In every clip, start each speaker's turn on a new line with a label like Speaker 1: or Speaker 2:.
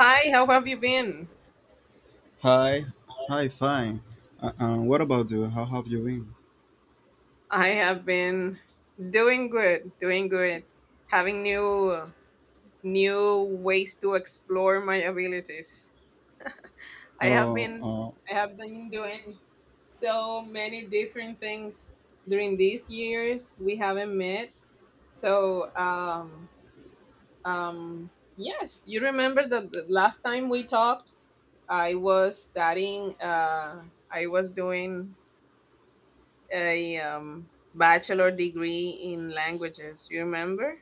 Speaker 1: Hi, how have you been?
Speaker 2: Hi, hi, fine. What about you? How have you been?
Speaker 1: I have been doing good, having new ways to explore my abilities. I have
Speaker 2: Oh,
Speaker 1: been
Speaker 2: oh,
Speaker 1: I have been doing so many different things during these years we haven't met. So, um yes, you remember that the last time we talked, I was studying I was doing a bachelor degree in languages. You remember?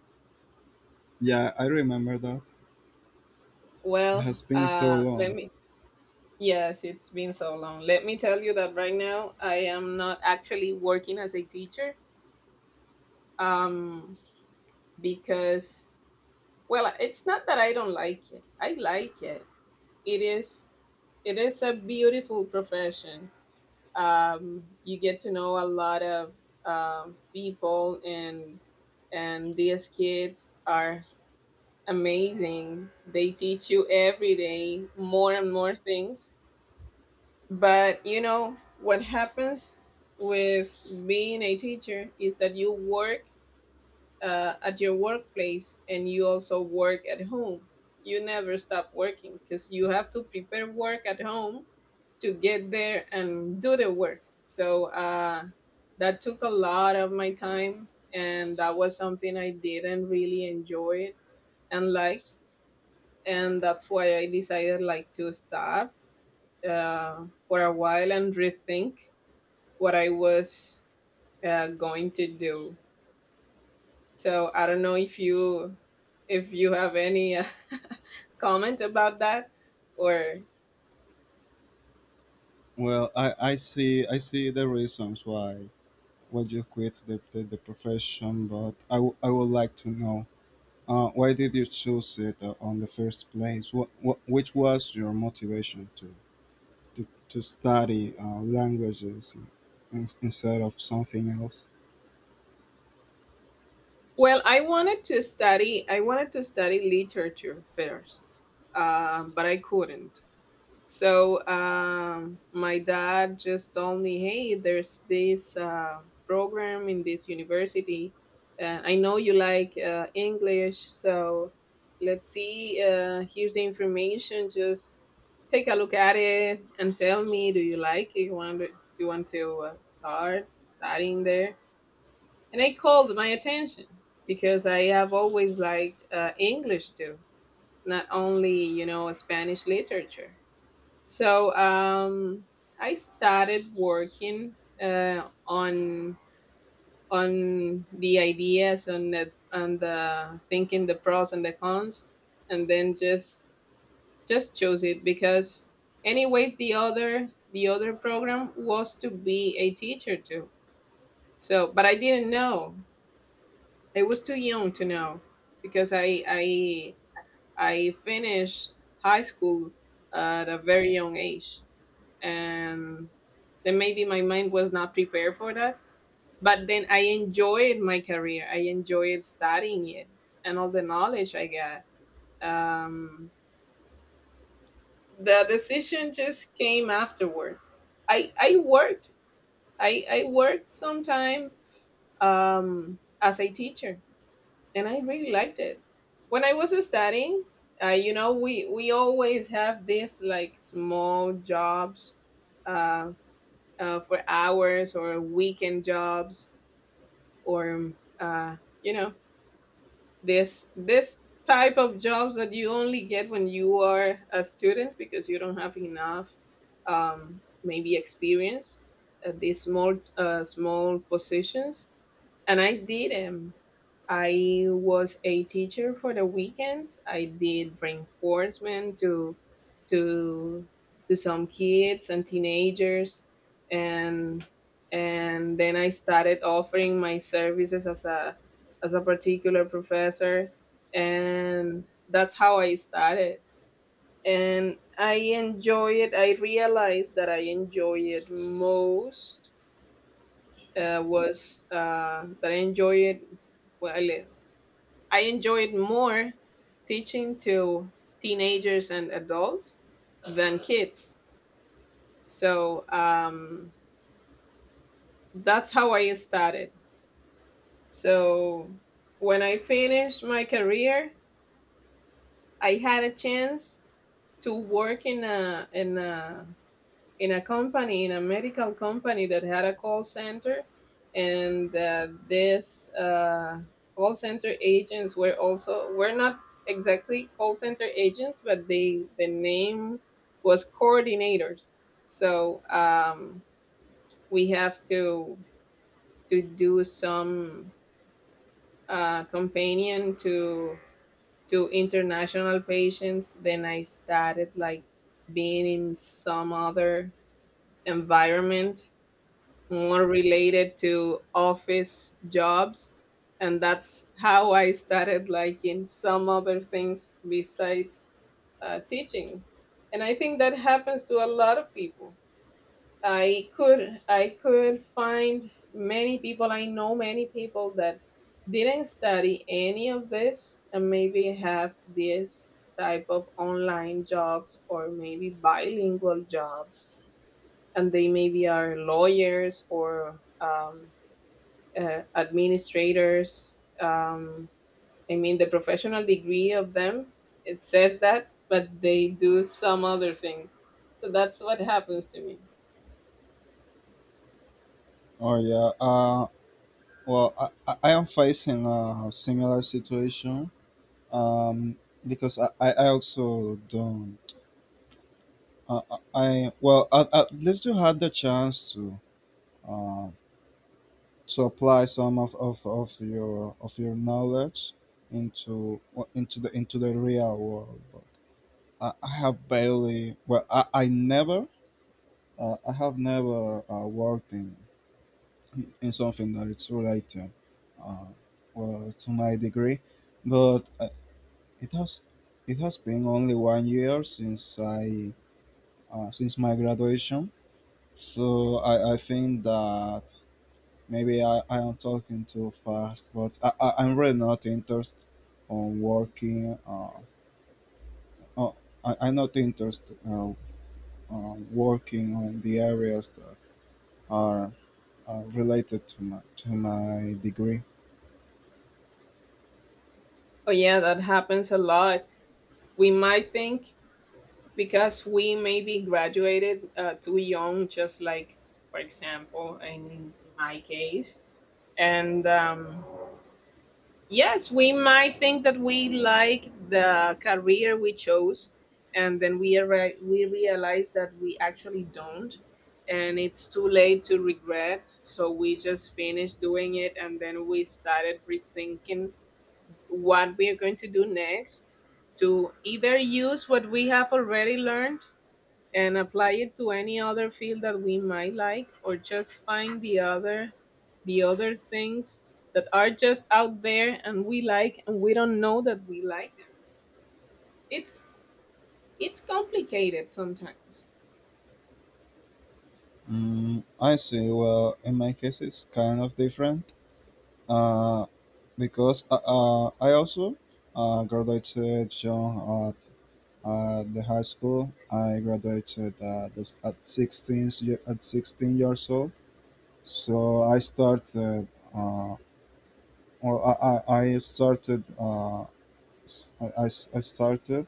Speaker 2: yeah, I remember that. It
Speaker 1: Well,
Speaker 2: has been so
Speaker 1: let
Speaker 2: long.
Speaker 1: me. Yes, it's been so long. Let me tell you that right now I am not actually working as a teacher. Um, because well, it's not that I don't like it. I like it. It is. It is a beautiful profession. You get to know a lot of people, and these kids are amazing. They teach you every day more and more things. But you know what happens with being a teacher is that you work at your workplace and you also work at home. You never stop working because you have to prepare work at home to get there and do the work. So that took a lot of my time, and that was something I didn't really enjoy and like and that's why I decided like to stop for a while and rethink what I was going to do. So I don't know if you have any comment about that or
Speaker 2: Well, I see the reasons why you quit the profession, but I would like to know why did you choose it on the first place? What which was your motivation to to study languages in, instead of something else?
Speaker 1: well I wanted to study literature first, but I couldn't. So my dad just told me, "Hey, there's this program in this university. I know you like English, so let's see. Here's the information. Just take a look at it and tell me, do you like it? You want to start studying there?" And it called my attention because I have always liked English too, not only you know Spanish literature. So I started working uh, on on the ideas on the thinking the pros and the cons, and then just chose it because anyways the other program was to be a teacher too. So but I didn't know. I was too young to know because I I finished high school at a very young age. And then maybe my mind was not prepared for that, but then I enjoyed my career. I enjoyed studying it and all the knowledge I got. um, the decision just came afterwards. i i worked I worked sometime as a teacher and I really liked it. When I was studying, you know we always have this like small jobs, uh, for hours or weekend jobs, or you know, this type of jobs that you only get when you are a student because you don't have enough maybe experience at these small positions, and I did them. I was a teacher for the weekends. I did reinforcement to to to some kids and teenagers, and then I started offering my services as a particular professor, and that's how I started. And I enjoy it. I realized that I enjoy it most was that I enjoyed. Well, I enjoyed more teaching to teenagers and adults than kids. So that's how I started. So when I finished my career, I had a chance to work in a in a company, in a medical company that had a call center, and this call center agents were also were not exactly call center agents, but they the name was coordinators. So we have to do some companion to international patients. Then I started like being in some other environment more related to office jobs, and that's how I started liking some other things besides teaching. And I think that happens to a lot of people. I could find many people. I know many people that didn't study any of this and maybe have this type of online jobs or maybe bilingual jobs, and they maybe are lawyers or administrators. Um, I mean, the professional degree of them it says that, but they do some other thing. So that's what happens to me.
Speaker 2: Oh, yeah. Well, I am facing a similar situation, um, because I also don't. Well, at least you had the chance uh, to apply some of your knowledge into, well, into the real world. But I have barely. Well, I never. I have never worked in something that it's related. Uh, well, to my degree, but it has it has been only 1 year since I, since my graduation, so I think that maybe I am talking too fast, but I'm really not interested on working. Oh, I'm not interested on working on the areas that are related to my degree.
Speaker 1: Oh yeah, that happens a lot. We might think because we maybe graduated too young just like, for example, in my case. And yes, we might think that we like the career we chose, and then we realize that we actually don't, and it's too late to regret. So we just finished doing it, and then we started rethinking what we are going to do next to either use what we have already learned and apply it to any other field that we might like, or just find the other things that are just out there and we like and we don't know that we like them. it's it's complicated sometimes.
Speaker 2: Mm, I see. Well, in my case, it's kind of different. Uh, because I also graduated young at the high school. I graduated at 16 at 16 years old. So I started. Uh, well, I started. I started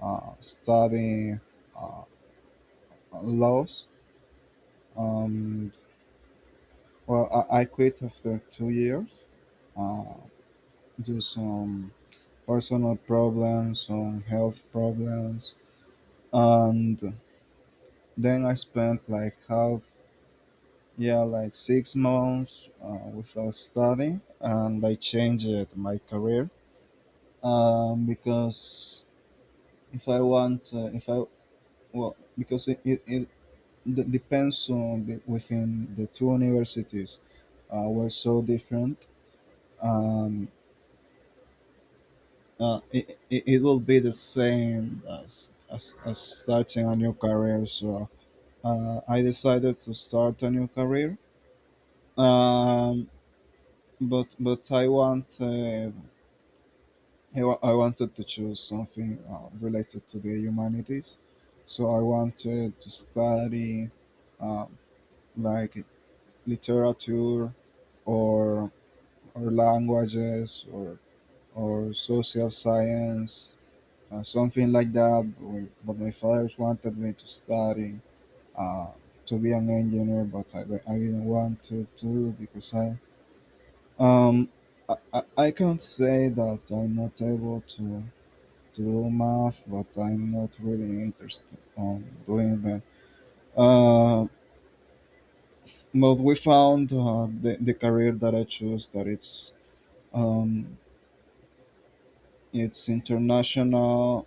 Speaker 2: studying, uh, laws. Um, I quit after 2 years, uh, due to some personal problems, some health problems, and then I spent like half, yeah, like 6 months without studying, and I changed my career, because if I want if I well, because it d- depends on the, within the two universities, were so different. Um, it will be the same as, as starting a new career. So I decided to start a new career, um but I want, I wanted to choose something related to the humanities, so I wanted to study, uh, like literature or or languages or social science or something like that. Or- But my father wanted me to study, uh, to be an engineer, but I didn't want to do because I, Um, I can't say that I'm not able to do math, but I'm not really interested on doing that. Uh, but we found the career that I choose, that it's, um, it's international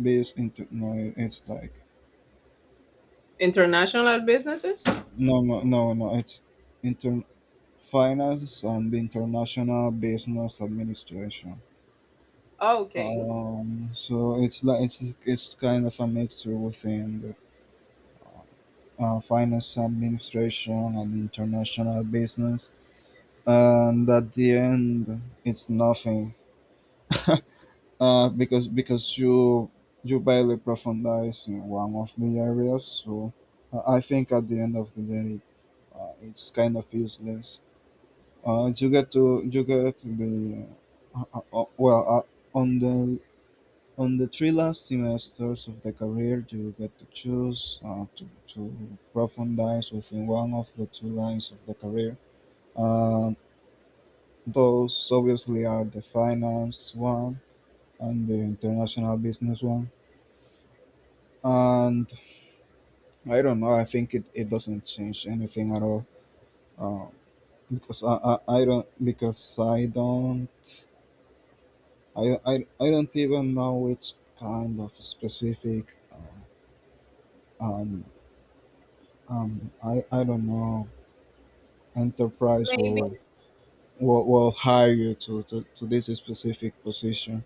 Speaker 2: based into, no, it's like
Speaker 1: International businesses.
Speaker 2: no no no no, it's inter finance and international business administration.
Speaker 1: Okay.
Speaker 2: So it's like it's kind of a mixture within the, finance administration and international business, and at the end it's nothing, because you barely profundize in one of the areas. So I think at the end of the day, it's kind of useless. You get the, on the on the three last semesters of the career, you get to choose, to profundize within one of the two lines of the career. Um those obviously are the finance one and the international business one. And I don't know, I think it doesn't change anything at all. Uh, because I don't, I, I, I don't even know which kind of specific, um, I don't know enterprise will will hire you to, to this specific position.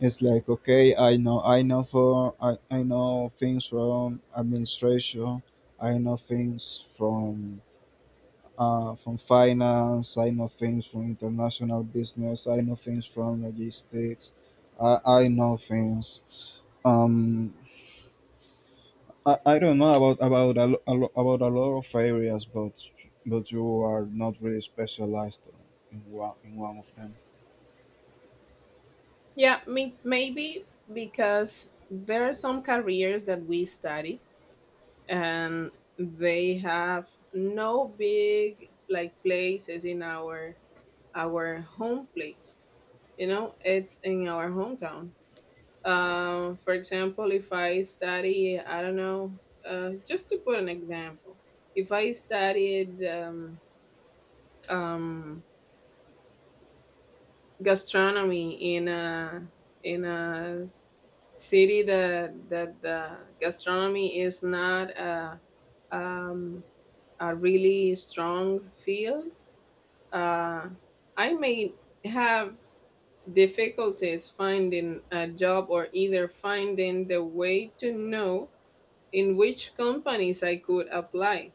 Speaker 2: It's like okay, I know for, I know things from administration, I know things from, from finance, I know things from international business, I know things from logistics, I know things. Um, I don't know about about a lot of areas, but you are not really specialized in one of them.
Speaker 1: Yeah, me, maybe because there are some careers that we study and they have no big like places in our home place, you know, it's in our hometown. For example, if I study, I don't know, just to put an example, if I studied um gastronomy in a city that that the gastronomy is not a um a really strong field, uh I may have difficulties finding a job or either finding the way to know in which companies I could apply.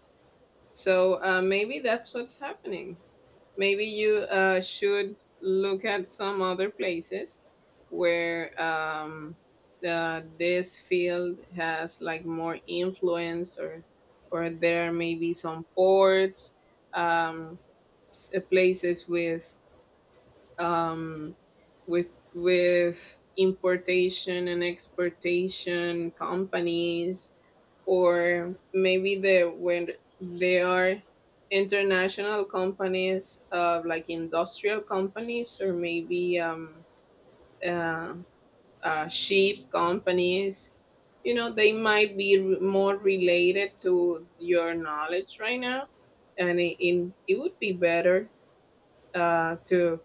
Speaker 1: So maybe that's what's happening. Maybe you should look at some other places where this field has like more influence, or there may be some ports, um, places um, with importation and exportation companies, or maybe they when they are international companies, like industrial companies, or maybe uh, ship companies. You know, they might be more related to your knowledge right now, and it would be better uh, to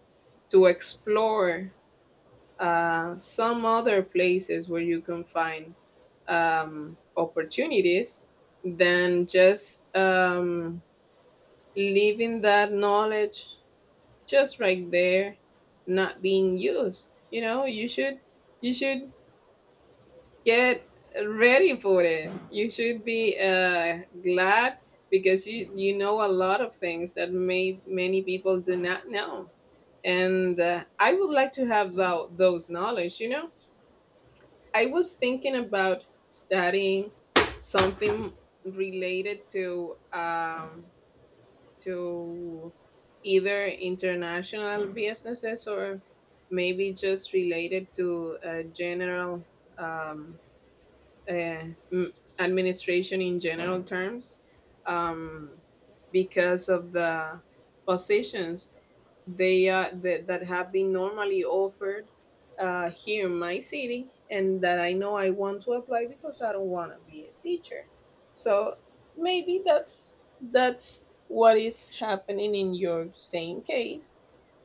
Speaker 1: to explore some other places where you can find opportunities than just leaving that knowledge just right there, not being used. You know, you should you should get ready for it. You should be glad because you know a lot of things that may many people do not know, and I would like to have those knowledge. You know, I was thinking about studying something related to to either international businesses or maybe just related to general um, uh, m- administration in general terms, um, because of the positions they that have been normally offered here in my city, and that I know I want to apply because I don't want to be a teacher. So maybe that's what is happening in your same case,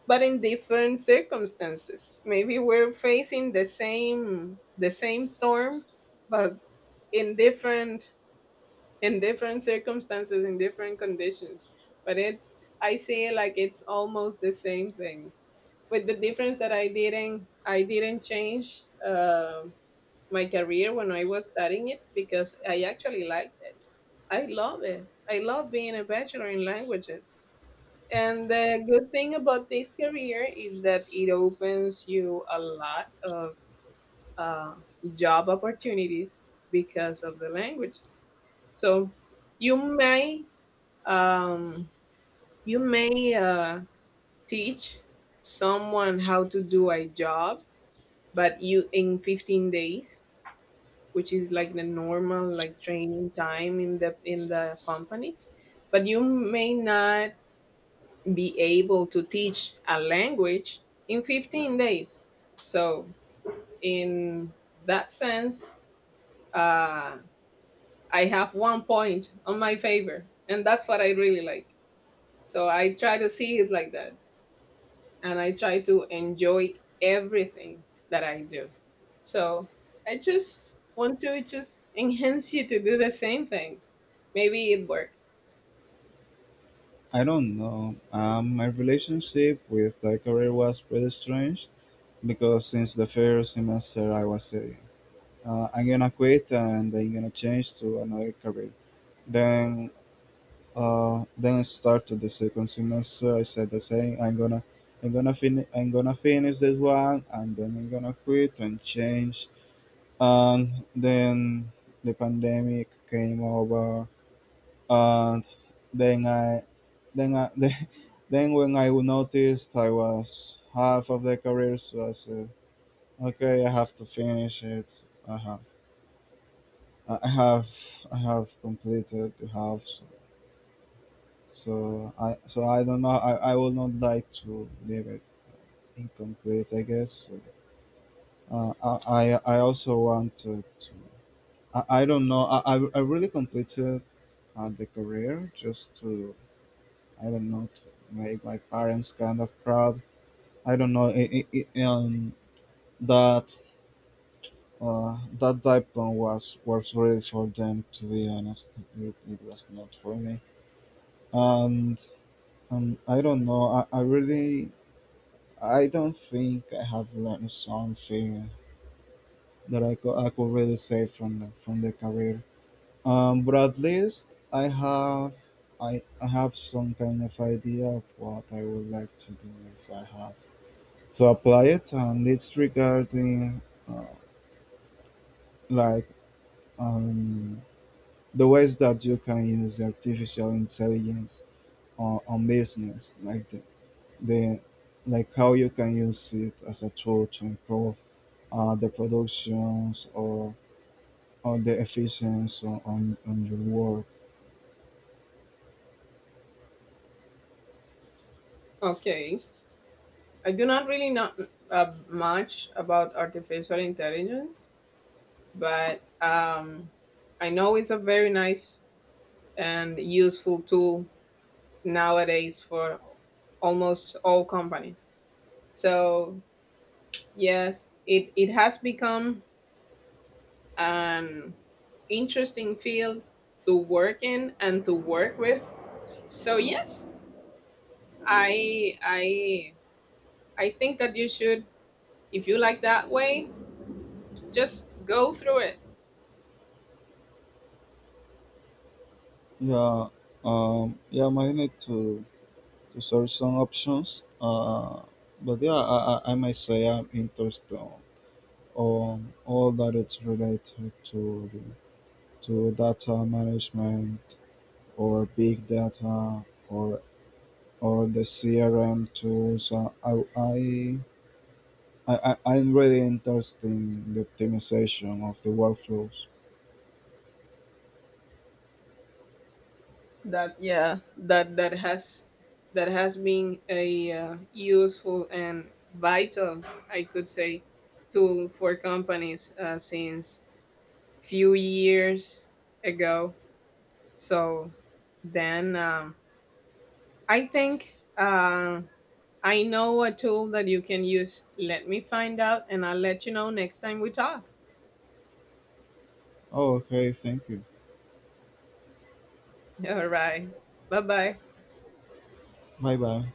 Speaker 1: but in different circumstances. Maybe we're facing the same storm, but in different circumstances, in different conditions. But it's I see it like it's almost the same thing, with the difference that I didn't change my career when I was studying it, because I actually liked it. I love it. I love being a bachelor in languages. And the good thing about this career is that it opens you a lot of uh, job opportunities because of the languages. So you may um, you may teach someone how to do a job, but you in 15 days, which is like the normal like training time in the companies, but you may not be able to teach a language in 15 days. So in that sense, uh, I have one point on my favor, and that's what I really like. So I try to see it like that, and I try to enjoy everything that I do. So I just want to just enhance you to do the same thing. Maybe it worked.
Speaker 2: I don't know. My relationship with the career was pretty strange because since the first semester I was saying, I'm gonna quit and I'm gonna change to another career. Then, then started the second semester. I said the same. I'm gonna finish. I'm gonna finish this one, and then I'm gonna quit and change. And then the pandemic came over, and then I, then I, then when I noticed I was half of the career, so I said, okay, I have to finish it. I have, I I have, I have completed the half. So so so I don't know. I would not like to leave it incomplete, I guess. I also wanted to. I don't know. I really completed the career just to, I don't know, to make my parents kind of proud. I don't know. I that That diplom was really for them. To be honest, it was not for me. And, I don't know. I really, I don't think I have learned something that I could really say from from the career. But at least I have. I have some kind of idea of what I would like to do if I have to apply it, and it's regarding, uh, like um, the ways that you can use artificial intelligence on business, like the like how you can use it as a tool to improve the productions or the efficiency on, on your work.
Speaker 1: Okay. I do not really know much about artificial intelligence, but I know it's a very nice and useful tool nowadays for almost all companies. So, yes, it has become an interesting field to work in and to work with. So yes, I I I think that you should, if you like that way, just go through it.
Speaker 2: Yeah, yeah, I might need to search some options. But yeah, I might say I'm interested on all that it's related to to data management or big data or or the CRM tools. I'm really interested in the optimization of the workflows.
Speaker 1: That yeah, that has been a useful and vital, I could say, tool for companies since few years ago. So then I think I know a tool that you can use. Let me find out, and I'll let you know next time we talk.
Speaker 2: Oh, okay, thank you.
Speaker 1: All right. Bye bye.
Speaker 2: Bye bye.